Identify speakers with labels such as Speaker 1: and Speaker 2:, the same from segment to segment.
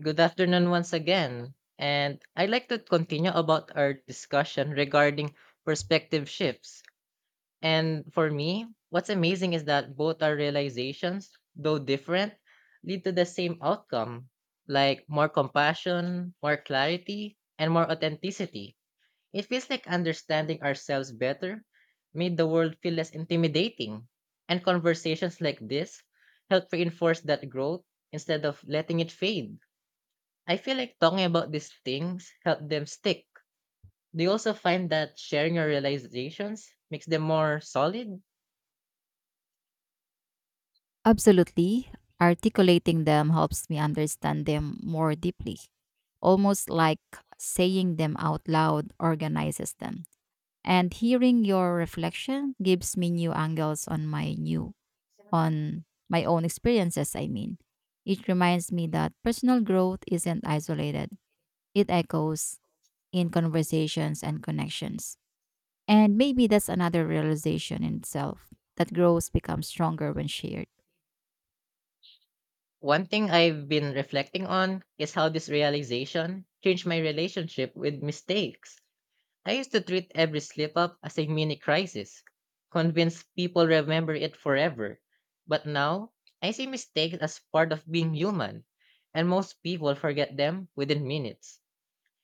Speaker 1: Good afternoon once again. And I'd like to continue about our discussion regarding perspective shifts. And for me, what's amazing is that both our realizations, though different, lead to the same outcome, like more compassion, more clarity, and more authenticity. It feels like understanding ourselves better made the world feel less intimidating. And conversations like this help reinforce that growth instead of letting it fade. I feel like talking about these things help them stick. Do you also find that sharing your realizations makes them more solid?
Speaker 2: Absolutely. Articulating them helps me understand them more deeply. Almost like saying them out loud organizes them. And hearing your reflection gives me new angles on my new on my own experiences, I mean. It reminds me that personal growth isn't isolated. It echoes in conversations and connections. And maybe that's another realization in itself that growth becomes stronger when shared.
Speaker 1: One thing I've been reflecting on is how this realization changed my relationship with mistakes. I used to treat every slip up as a mini crisis, convinced people remember it forever. But now, I see mistakes as part of being human, and most people forget them within minutes.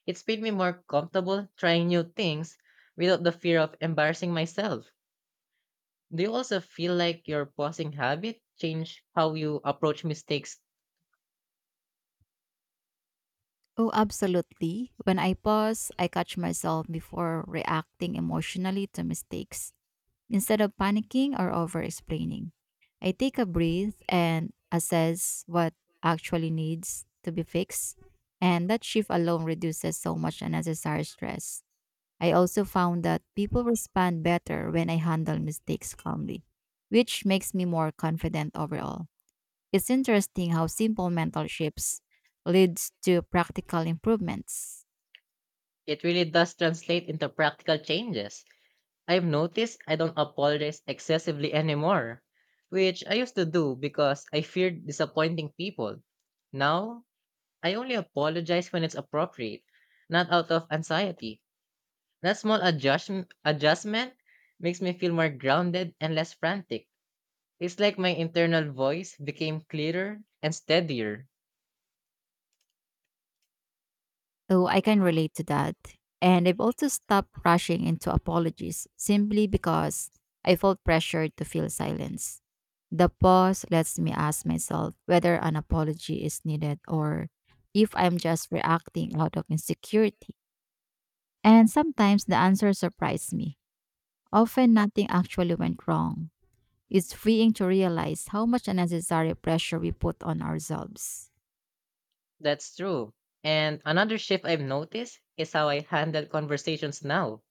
Speaker 1: It's made me more comfortable trying new things without the fear of embarrassing myself. Do you also feel like your pausing habit change how you approach mistakes?
Speaker 2: Oh, absolutely. When I pause, I catch myself before reacting emotionally to mistakes. Instead of panicking or over explaining, I take a breath and assess what actually needs to be fixed. And that shift alone reduces so much unnecessary stress. I also found that people respond better when I handle mistakes calmly, which makes me more confident overall. It's interesting how simple mental shifts leads to practical improvements.
Speaker 1: It really does translate into practical changes. I've noticed I don't apologize excessively anymore, which I used to do because I feared disappointing people. Now, I only apologize when it's appropriate, not out of anxiety. That small adjustment makes me feel more grounded and less frantic. It's like my internal voice became clearer and steadier.
Speaker 2: Oh, I can relate to that. And I've also stopped rushing into apologies simply because I felt pressured to feel silence. The pause lets me ask myself whether an apology is needed or if I'm just reacting out of insecurity. And sometimes the answer surprised me. Often nothing actually went wrong. It's freeing to realize how much unnecessary pressure we put on ourselves.
Speaker 1: That's true. And another shift I've noticed is how I handle conversations now.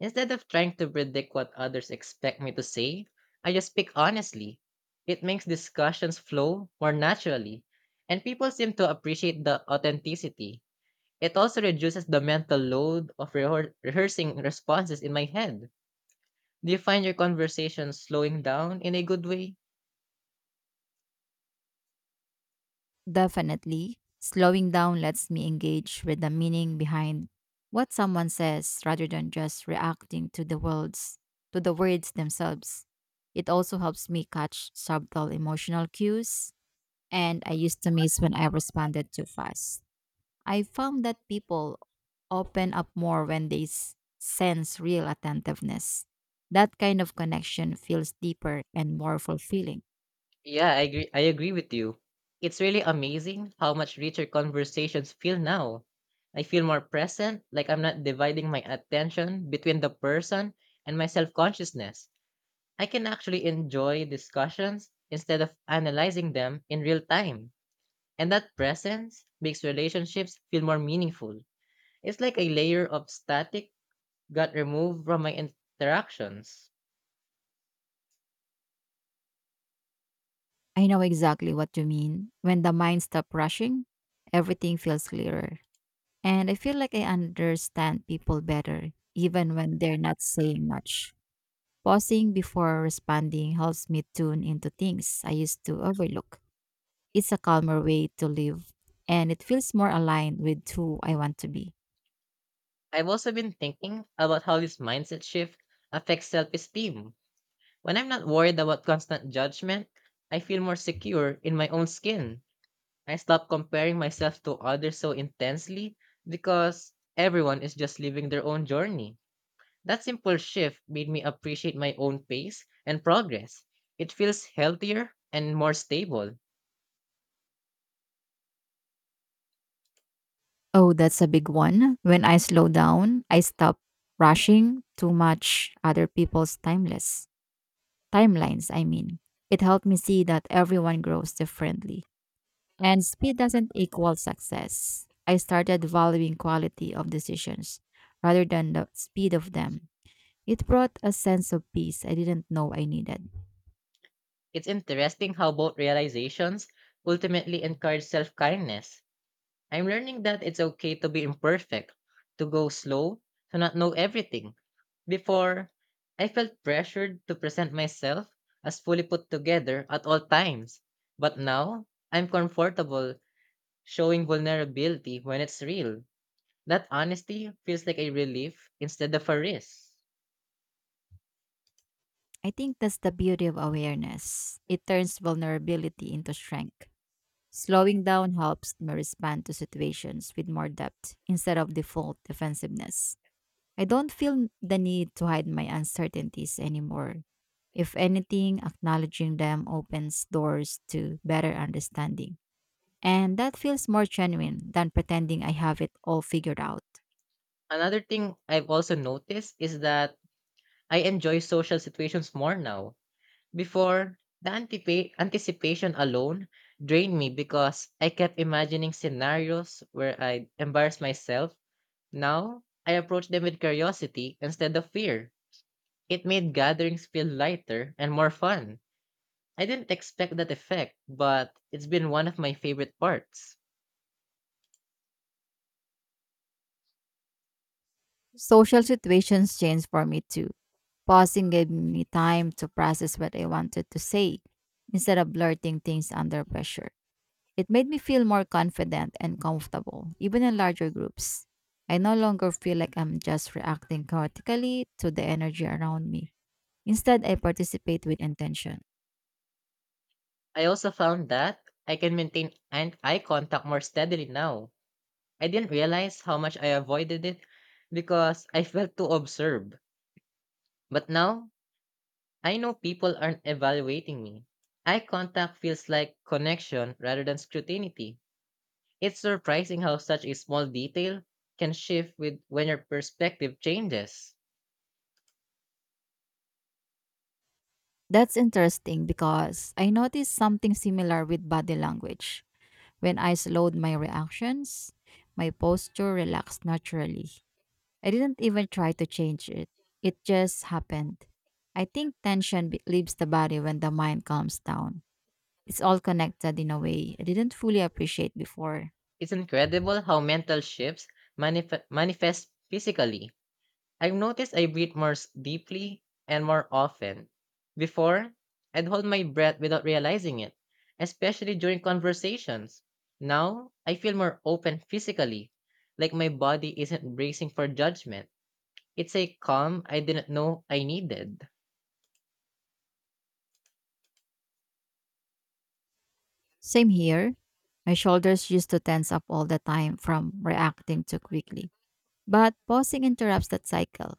Speaker 1: Instead of trying to predict what others expect me to say, I just speak honestly. It makes discussions flow more naturally, and people seem to appreciate the authenticity. It also reduces the mental load of rehearsing responses in my head. Do you find your conversation slowing down in a good way?
Speaker 2: Definitely, slowing down lets me engage with the meaning behind what someone says rather than just reacting to the words themselves. It also helps me catch subtle emotional cues and I used to miss when I responded too fast. I found that people open up more when they sense real attentiveness. That kind of connection feels deeper and more fulfilling.
Speaker 1: Yeah, I agree with you. It's really amazing how much richer conversations feel now. I feel more present, like I'm not dividing my attention between the person and my self consciousness. I can actually enjoy discussions instead of analyzing them in real time. And that presence makes relationships feel more meaningful. It's like a layer of static got removed from my interactions.
Speaker 2: I know exactly what you mean. When the mind stops rushing, everything feels clearer. And I feel like I understand people better, even when they're not saying much. Pausing before responding helps me tune into things I used to overlook. It's a calmer way to live, and it feels more aligned with who I want to be.
Speaker 1: I've also been thinking about how this mindset shift affects self esteem. When I'm not worried about constant judgment, I feel more secure in my own skin. I stop comparing myself to others so intensely because everyone is just living their own journey. That simple shift made me appreciate my own pace and progress. It feels healthier and more stable.
Speaker 2: Oh, that's a big one. When I slow down, I stop rushing too much other people's timeless timelines, I mean. It helped me see that everyone grows differently. And speed doesn't equal success. I started valuing quality of decisions rather than the speed of them. It brought a sense of peace I didn't know I needed.
Speaker 1: It's interesting how both realizations ultimately encourage self kindness. I'm learning that it's okay to be imperfect, to go slow, to not know everything. Before, I felt pressured to present myself as fully put together at all times. But now, I'm comfortable showing vulnerability when it's real. That honesty feels like a relief instead of a risk.
Speaker 2: I think that's the beauty of awareness. It turns vulnerability into strength. Slowing down helps me respond to situations with more depth instead of default defensiveness. I don't feel the need to hide my uncertainties anymore. If anything, acknowledging them opens doors to better understanding. And that feels more genuine than pretending I have it all figured out.
Speaker 1: Another thing I've also noticed is that I enjoy social situations more now. Before, the anticipation alone drained me because I kept imagining scenarios where I'd embarrass myself. Now, I approach them with curiosity instead of fear. It made gatherings feel lighter and more fun. I didn't expect that effect, but it's been one of my favorite parts.
Speaker 2: Social situations changed for me too. Pausing gave me time to process what I wanted to say instead of blurting things under pressure. It made me feel more confident and comfortable, even in larger groups. I no longer feel like I'm just reacting chaotically to the energy around me. Instead, I participate with intention.
Speaker 1: I also found that I can maintain eye contact more steadily now. I didn't realize how much I avoided it because I felt too observed. But now, I know people aren't evaluating me. Eye contact feels like connection rather than scrutiny. It's surprising how such a small detail can shift with when your perspective changes.
Speaker 2: That's interesting because I noticed something similar with body language. When I slowed my reactions, my posture relaxed naturally. I didn't even try to change it. It just happened. I think leaves the body when the mind calms down. It's all connected in a way I didn't fully appreciate before.
Speaker 1: It's incredible how mental shifts manifest physically. I've noticed I breathe more deeply and more often. Before, I'd hold my breath without realizing it, especially during conversations. Now, I feel more open physically, like my body isn't bracing for judgment. It's a calm I didn't know I needed.
Speaker 2: Same here. My shoulders used to tense up all the time from reacting too quickly. But pausing interrupts that cycle.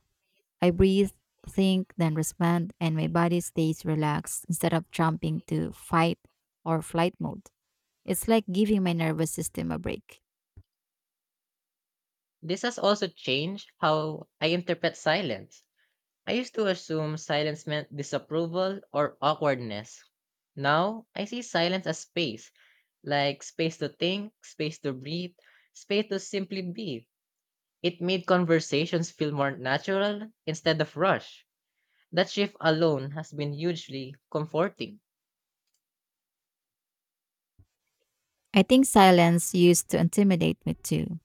Speaker 2: I breathe, think, then respond, and my body stays relaxed instead of jumping to fight or flight mode. It's like giving my nervous system a break.
Speaker 1: This has also changed how I interpret silence. I used to assume silence meant disapproval or awkwardness. Now, I see silence as space, like space to think, space to breathe, space to simply be. It made conversations feel more natural instead of rushed. That shift alone has been hugely comforting.
Speaker 2: I think silence used to intimidate me too.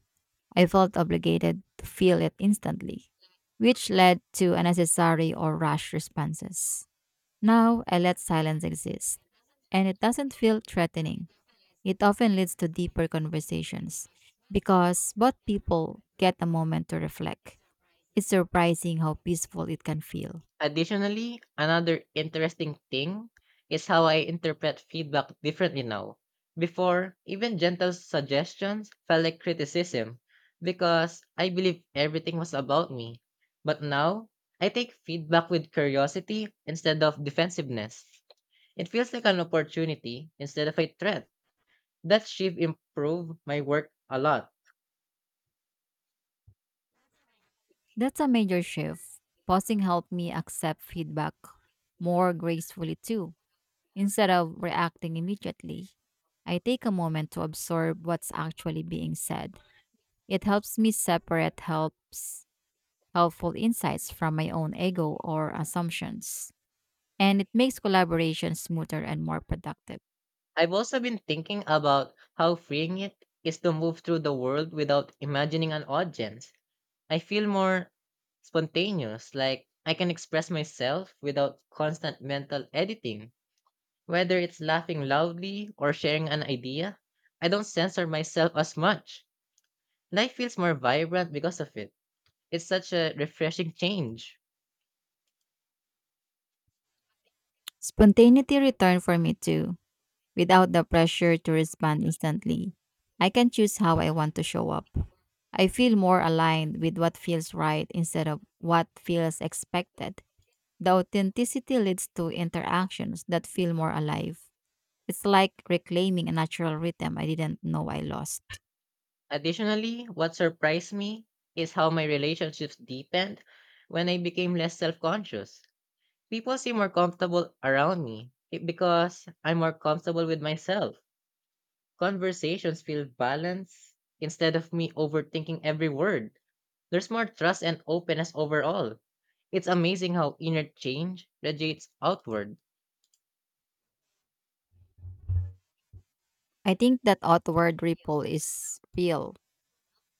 Speaker 2: I felt obligated to feel it instantly, which led to unnecessary or rash responses. Now I let silence exist, and it doesn't feel threatening. It often leads to deeper conversations because both people get a moment to reflect. It's surprising how peaceful it can feel.
Speaker 1: Additionally, another interesting thing is how I interpret feedback differently now. Before, even gentle suggestions felt like criticism because I believed everything was about me. But now, I take feedback with curiosity instead of defensiveness. It feels like an opportunity instead of a threat. That shift improved my work a lot.
Speaker 2: That's a major shift. Pausing helped me accept feedback more gracefully too. Instead of reacting immediately, I take a moment to absorb what's actually being said. It helps me separate helps helpful insights from my own ego or assumptions, and it makes collaboration smoother and more productive.
Speaker 1: I've also been thinking about how freeing it is to move through the world without imagining an audience. I feel more spontaneous, like I can express myself without constant mental editing. Whether it's laughing loudly or sharing an idea, I don't censor myself as much. Life feels more vibrant because of it. It's such a refreshing change.
Speaker 2: Spontaneity return for me too, without the pressure to respond instantly. I can choose how I want to show up. I feel more aligned with what feels right instead of what feels expected. The authenticity leads to interactions that feel more alive. It's like reclaiming a natural rhythm I didn't know I lost.
Speaker 1: Additionally, what surprised me is how my relationships deepened when I became less self conscious. People seem more comfortable around me because I'm more comfortable with myself. Conversations feel balanced instead of me overthinking every word. There's more trust and openness overall. It's amazing how inner change radiates outward.
Speaker 2: I think that outward ripple is real.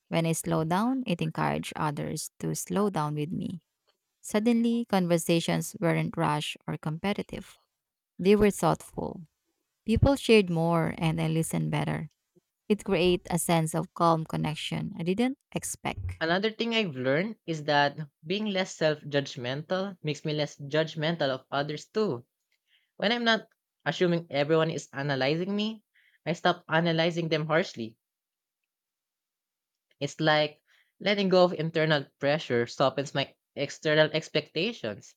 Speaker 2: When I slow down, it encouraged others to slow down with me. Suddenly, conversations weren't rushed or competitive. They were thoughtful. People shared more and I listened better. It created a sense of calm connection I didn't expect.
Speaker 1: Another thing I've learned is that being less self judgmental makes me less judgmental of others too. When I'm not assuming everyone is analyzing me, I stop analyzing them harshly. It's like letting go of internal pressure softens my external expectations,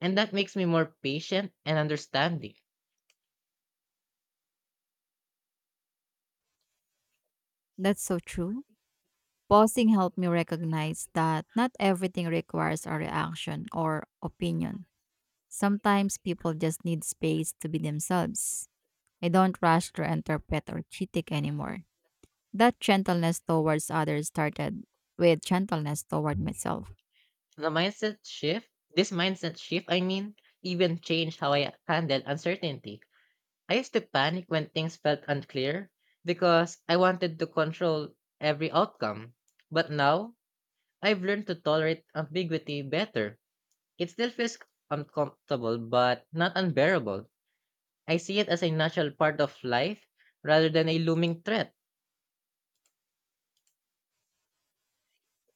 Speaker 1: and that makes me more patient and understanding.
Speaker 2: That's so true. Pausing helped me recognize that not everything requires a reaction or opinion. Sometimes people just need space to be themselves. I don't rush to interpret or critique anymore. That gentleness towards others started with gentleness toward myself.
Speaker 1: The mindset shift, this mindset shift, I mean, even changed how I handle uncertainty. I used to panic when things felt unclear because I wanted to control every outcome. But now, I've learned to tolerate ambiguity better. It still feels uncomfortable, but not unbearable. I see it as a natural part of life rather than a looming threat.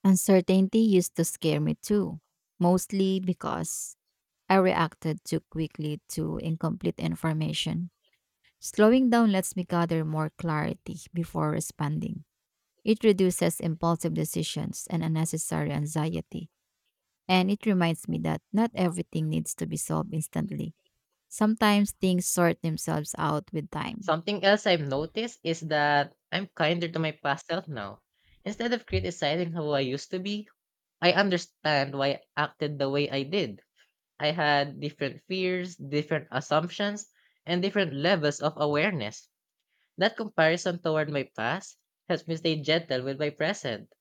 Speaker 2: Uncertainty used to scare me too, mostly because I reacted too quickly to incomplete information. Slowing down lets me gather more clarity before responding. It reduces impulsive decisions and unnecessary anxiety. And it reminds me that not everything needs to be solved instantly. Sometimes things sort themselves out with time.
Speaker 1: Something else I've noticed is that I'm kinder to my past self now. Instead of criticizing how I used to be, I understand why I acted the way I did. I had different fears, different assumptions, and different levels of awareness. That comparison toward my past helps me stay gentle with my present.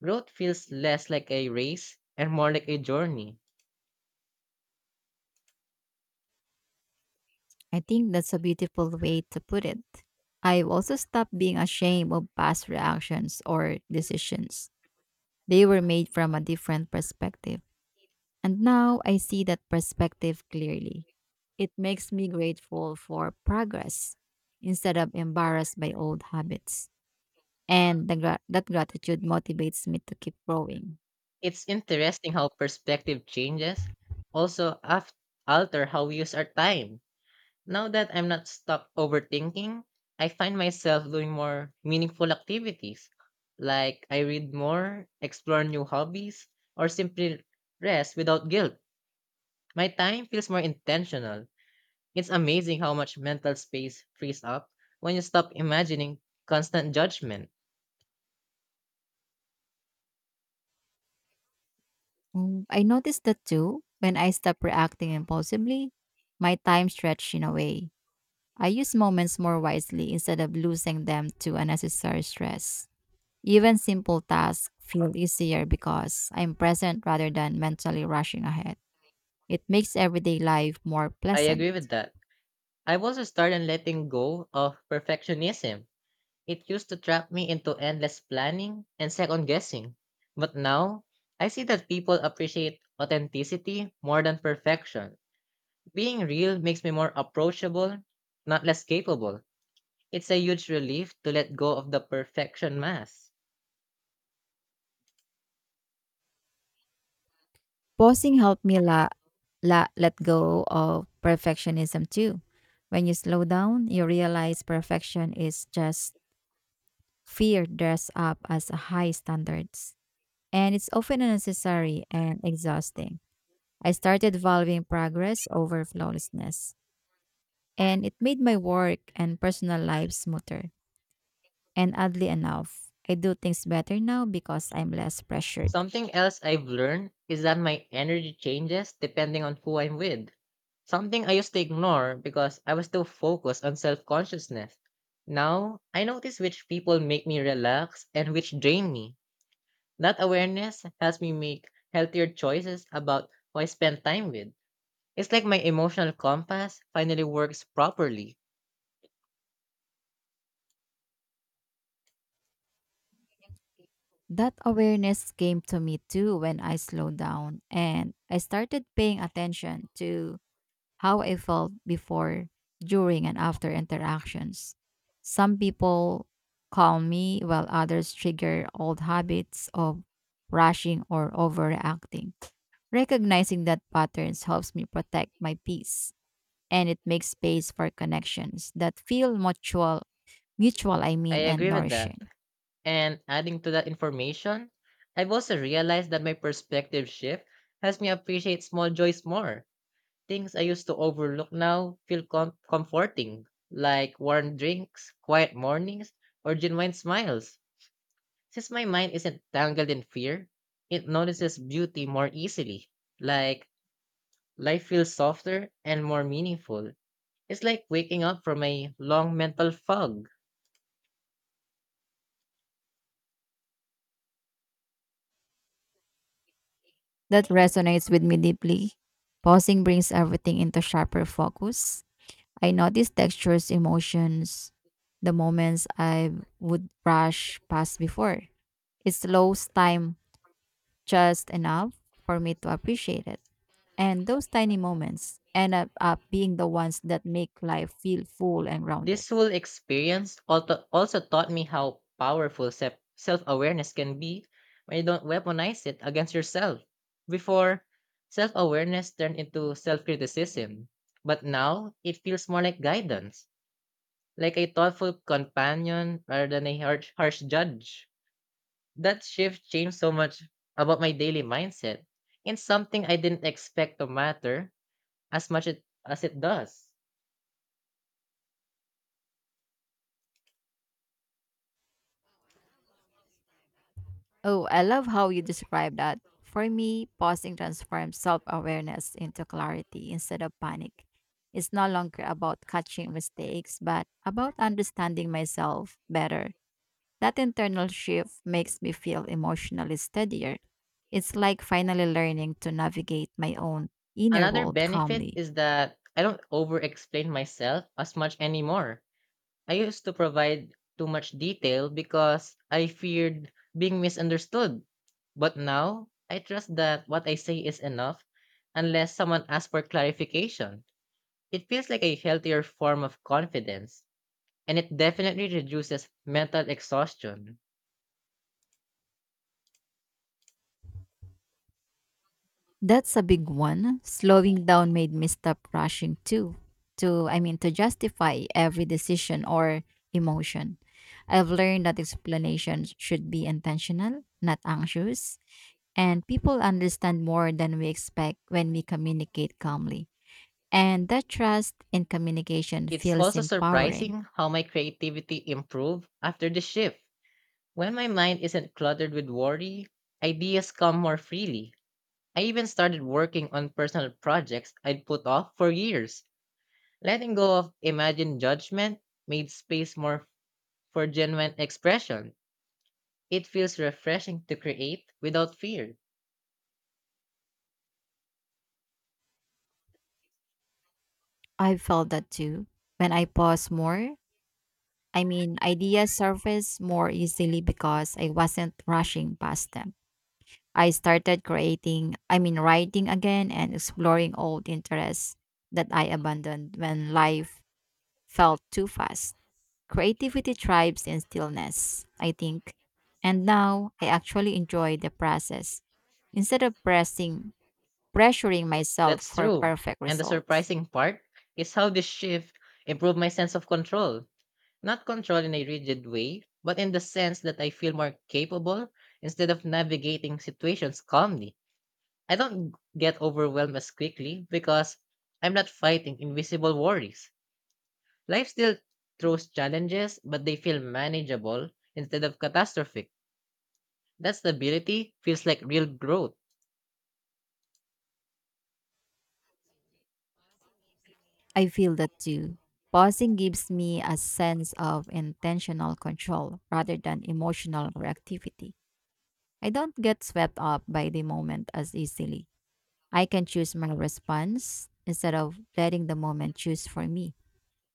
Speaker 1: Growth feels less like a race and more like a journey.
Speaker 2: I think that's a beautiful way to put it. I've also stopped being ashamed of past reactions or decisions. They were made from a different perspective. And now I see that perspective clearly. It makes me grateful for progress instead of embarrassed by old habits. And that gratitude motivates me to keep growing.
Speaker 1: It's interesting how perspective changes also af- alter how we use our time. Now that I'm not stuck overthinking, I find myself doing more meaningful activities. Like I read more, explore new hobbies, or simply rest without guilt. My time feels more intentional. It's amazing how much mental space frees up when you stop imagining constant judgment.
Speaker 2: I noticed that too. When I stop reacting impulsively, my time stretched in a way. I use moments more wisely instead of losing them to unnecessary stress. Even simple tasks feel easier because I'm present rather than mentally rushing ahead. It makes everyday life more
Speaker 1: I
Speaker 2: pleasant.
Speaker 1: agree with that. I've also started letting go of perfectionism. It used to trap me into endless planning and second guessing. But now, I see that people appreciate authenticity more than perfection. Being real makes me more approachable, not less capable. It's a huge relief to let go of the perfection mask.
Speaker 2: Pausing helped me let go of perfectionism too. When you slow down, you realize perfection is just fear dressed up as high standards. And it's often unnecessary and exhausting. I started valuing progress over flawlessness. And it made my work and personal life smoother. And oddly enough, I do things better now because I'm less pressured.
Speaker 1: Something else I've learned is that my energy changes depending on who I'm with. Something I used to ignore because I was too focused on self consciousness. Now, I notice which people make me relax and which drain me. That awareness helps me make healthier choices about who I spend time with. It's like my emotional compass finally works properly.
Speaker 2: That awareness came to me too when I slowed down and I started paying attention to how I felt before, during, and after interactions. Some people calm me while others trigger old habits of rushing or overreacting. Recognizing that patterns helps me protect my peace and it makes space for connections that feel mutual I
Speaker 1: I
Speaker 2: mean, and
Speaker 1: agree with that.
Speaker 2: nourishing.
Speaker 1: And adding to that information, I've also realized that my perspective shift helps me appreciate small joys more. Things I used to overlook now feel comforting, like warm drinks, quiet mornings, or genuine smiles. Since my mind isn't tangled in fear, it notices beauty more easily. Like life feels softer and more meaningful. It's like waking up from a long mental fog.
Speaker 2: That resonates with me deeply. Pausing brings everything into sharper focus. I notice textures, emotions, the moments I would rush past before. It slows time just enough for me to appreciate it. And those tiny moments end up, up being the ones that make life feel full and rounded.
Speaker 1: This whole experience also taught me how powerful self awareness can be when you don't weaponize it against yourself. Before, self awareness turned into self criticism, but now it feels more like guidance, like a thoughtful companion rather than a harsh judge. That shift changed so much about my daily mindset, and something I didn't expect to matter as it does.
Speaker 2: Oh, I love how you describe that. For me, pausing transforms self awareness into clarity instead of panic. It's no longer about catching mistakes, but about understanding myself better. That internal shift makes me feel emotionally steadier. It's like finally learning to navigate my own inner
Speaker 1: Another
Speaker 2: world
Speaker 1: benefit
Speaker 2: calmly.
Speaker 1: is that I don't over explain myself as much anymore. I used to provide too much detail because I feared being misunderstood. But now, I trust that what I say is enough unless someone asks for clarification. It feels like a healthier form of confidence, and it definitely reduces mental exhaustion.
Speaker 2: That's a big one. Slowing down made me stop rushing too. To I mean to justify every decision or emotion. I've learned that explanations should be intentional, not anxious, and people understand more than we expect when we communicate calmly. And that trust in communication
Speaker 1: It's
Speaker 2: feels
Speaker 1: also
Speaker 2: empowering.
Speaker 1: surprising how my creativity improved after the shift. When my mind isn't cluttered with worry, ideas come more freely. I even started working on personal projects I'd put off for years. Letting go of imagined judgment made space more for genuine expression. It feels refreshing to create without fear.
Speaker 2: I felt that too. When I pause more, I mean ideas surface more easily because I wasn't rushing past them. I started creating, I mean, writing again and exploring old interests that I abandoned when life felt too fast. Creativity thrives in stillness, I think. And now I actually enjoy the process instead of pressuring myself
Speaker 1: That's
Speaker 2: for
Speaker 1: true.
Speaker 2: perfect
Speaker 1: And the
Speaker 2: results.
Speaker 1: surprising part is how this shift improved my sense of control. Not control in a rigid way, but in the sense that I feel more capable instead of navigating situations calmly. I don't get overwhelmed as quickly because I'm not fighting invisible worries. Life still throws challenges, but they feel manageable instead of catastrophic. That stability feels like real growth.
Speaker 2: I feel that too. Pausing gives me a sense of intentional control rather than emotional reactivity. I don't get swept up by the moment as easily. I can choose my response instead of letting the moment choose for me.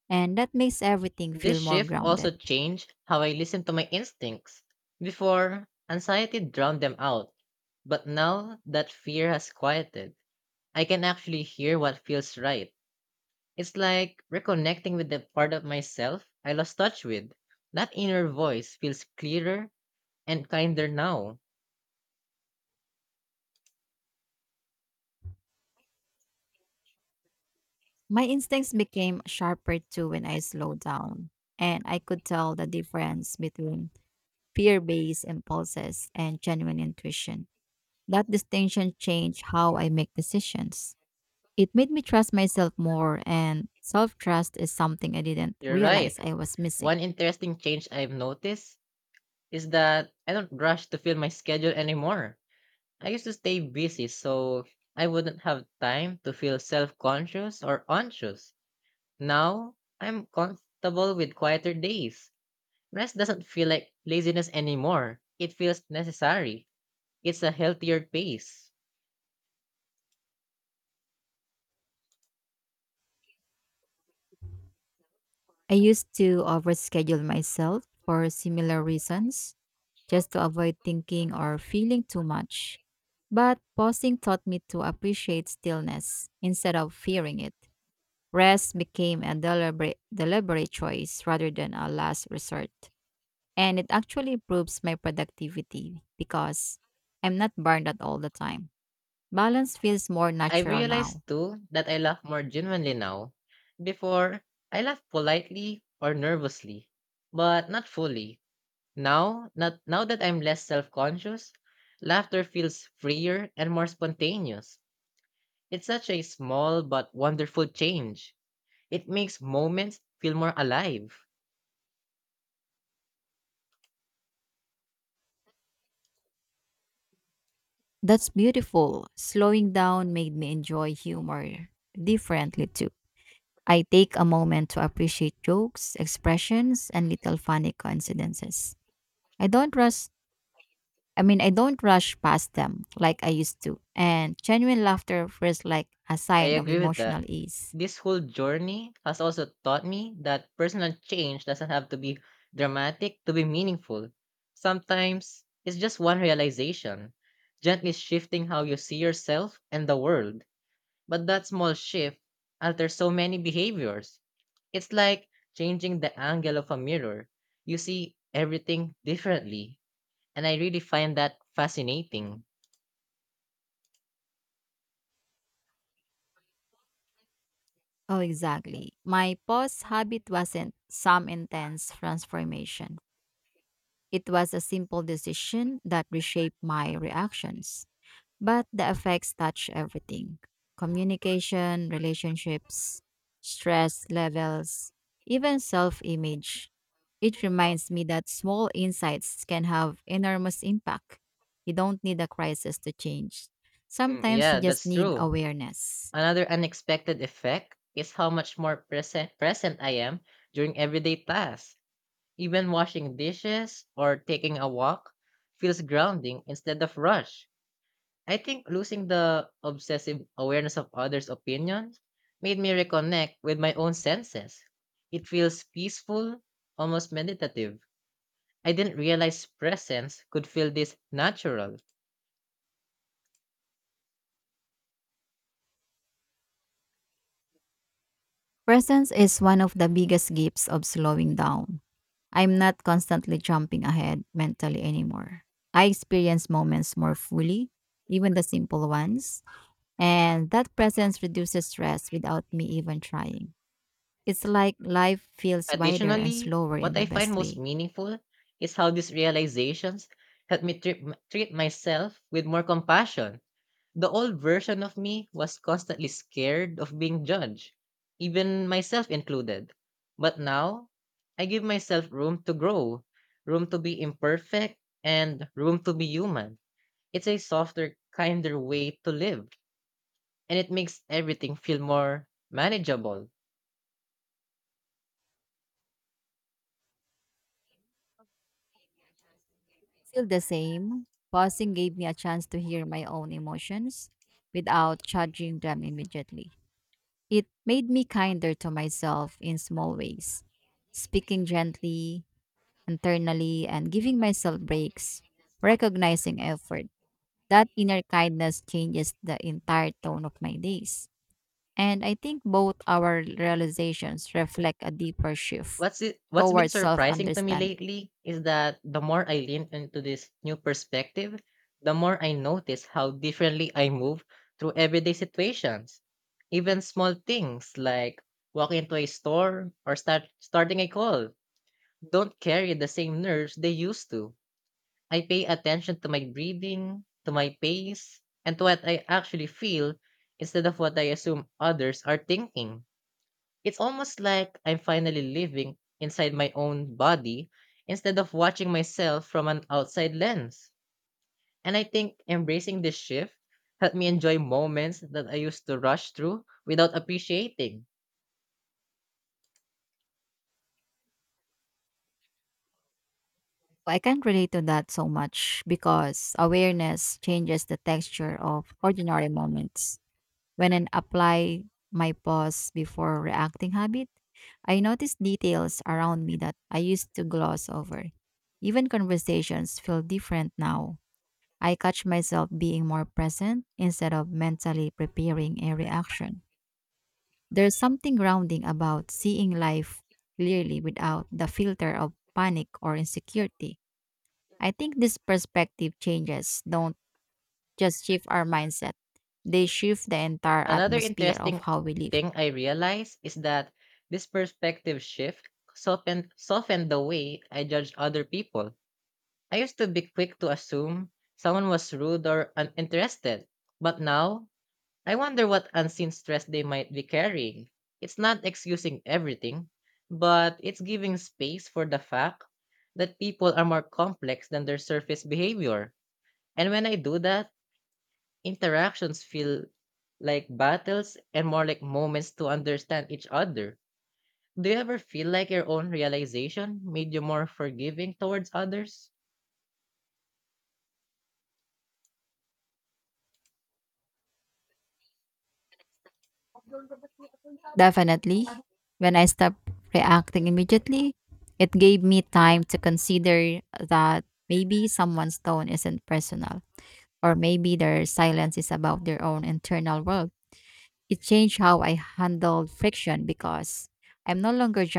Speaker 2: And that makes everything
Speaker 1: This
Speaker 2: feel more
Speaker 1: shift also
Speaker 2: grounded.
Speaker 1: changed how I listen to my instincts. Before, anxiety drowned them out, but now that fear has quieted, I can actually hear what feels right. It's like reconnecting with the part of myself I lost touch with. That inner voice feels clearer and kinder now.
Speaker 2: My instincts became sharper too when I slowed down, and I could tell the difference between fear based impulses and genuine intuition. That distinction changed how I make decisions. It made me trust myself more, and self trust is something I didn't
Speaker 1: You're right.
Speaker 2: realize I was missing.
Speaker 1: One interesting change I've noticed is that I don't rush to fill my schedule anymore. I used to stay busy, so I wouldn't have time to feel self conscious or anxious. Now, I'm comfortable with quieter days. Rest doesn't feel like laziness anymore, it feels necessary. It's a healthier pace.
Speaker 2: I used to overschedule myself for similar reasons just to avoid thinking or feeling too much. But pausing taught me to appreciate stillness instead of fearing it. Rest became a deliberate choice rather than a last resort. And it actually improves my productivity because I'm not burned out all the time. Balance feels more
Speaker 1: I
Speaker 2: natural
Speaker 1: realize
Speaker 2: now.
Speaker 1: too that I laugh more genuinely now. Before, I laugh politely or nervously, but not fully. Now, not now that I'm less self-conscious, laughter feels freer and more spontaneous. It's such a small but wonderful change. It makes moments feel more alive.
Speaker 2: That's beautiful. Slowing down made me enjoy humor differently too. I take a moment to appreciate jokes, expressions, and little funny coincidences. I don't rush I mean I don't rush past them like I used to. And genuine laughter feels like a
Speaker 1: I
Speaker 2: sign of
Speaker 1: agree with that.
Speaker 2: emotional ease.
Speaker 1: This whole journey has also taught me that personal change doesn't have to be dramatic to be meaningful. Sometimes it's just one realization, gently shifting how you see yourself and the world. But that small shift alters so many behaviors. It's like changing the angle of a mirror. You see everything differently. And I really find that fascinating.
Speaker 2: Oh exactly. My pause habit wasn't some intense transformation. It was a simple decision that reshaped my reactions. But the effects touch everything: communication, relationships, stress levels, even self image. It reminds me that small insights can have enormous impact. You don't need a crisis to change.
Speaker 1: Mm,
Speaker 2: Sometimes you
Speaker 1: yeah,
Speaker 2: just
Speaker 1: that's
Speaker 2: need
Speaker 1: true.
Speaker 2: awareness.
Speaker 1: Another unexpected effect is how much more present I am during everyday tasks. Even washing dishes or taking a walk feels grounding instead of rush. I think losing the obsessive awareness of others' opinions made me reconnect with my own senses. It feels peaceful, almost meditative. I didn't realize presence could feel this natural.
Speaker 2: Presence is one of the biggest gifts of slowing down. I'm not constantly jumping ahead mentally anymore. I experience moments more fully, even the simple ones. And that presence reduces stress without me even trying. It's like life feels wider and
Speaker 1: Additionally,
Speaker 2: slower in
Speaker 1: what
Speaker 2: the
Speaker 1: I find
Speaker 2: best
Speaker 1: most
Speaker 2: way.
Speaker 1: meaningful is how these realizations help me treat myself with more compassion. The old version of me was constantly scared of being judged, even myself included. But now, I give myself room to grow, room to be imperfect, and room to be human. It's a softer, kinder way to live, and it makes everything feel more manageable.
Speaker 2: Still the same, pausing gave me a chance to hear my own emotions without judging them immediately. It made me kinder to myself in small ways, speaking gently, internally, and giving myself breaks, recognizing effort. That inner kindness changes the entire tone of my days. And I think both our realizations reflect a deeper shift
Speaker 1: What's been
Speaker 2: towards self
Speaker 1: surprising to me
Speaker 2: understanding.
Speaker 1: lately is that the more I lean into this new perspective, the more I notice how differently I move through everyday situations. Even small things like walking into a store or starting a call don't carry the same nerves they used to. I pay attention to my breathing, to my pace, and to what I actually feel instead of what I assume others are thinking. It's almost like I'm finally living inside my own body instead of watching myself from an outside lens. And I think embracing this shift helped me enjoy moments that I used to rush through without appreciating.
Speaker 2: I can't relate to that so much because awareness changes the texture of ordinary moments. When I apply my pause before reacting habit, I notice details around me that I used to gloss over. Even conversations feel different now. I catch myself being more present instead of mentally preparing a reaction. There's something grounding about seeing life clearly without the filter of panic or insecurity. I think these perspective changes don't just shift our mindset, they shift the entire
Speaker 1: Another
Speaker 2: atmosphere of
Speaker 1: interesting
Speaker 2: how we live.
Speaker 1: thing I realized is that this perspective shift softened the way I judged other people. I used to be quick to assume someone was rude or uninterested, but now I wonder what unseen stress they might be carrying. It's not excusing everything, but it's giving space for the fact that people are more complex than their surface behavior. And when I do that, interactions feel like battles and more like moments to understand each other. Do you ever feel like your own realization made you more forgiving towards others?
Speaker 2: Definitely, when I stopped reacting immediately, it gave me time to consider that maybe someone's tone isn't personal, or maybe their silence is about their own internal world. It changed how I handled friction because I'm no longer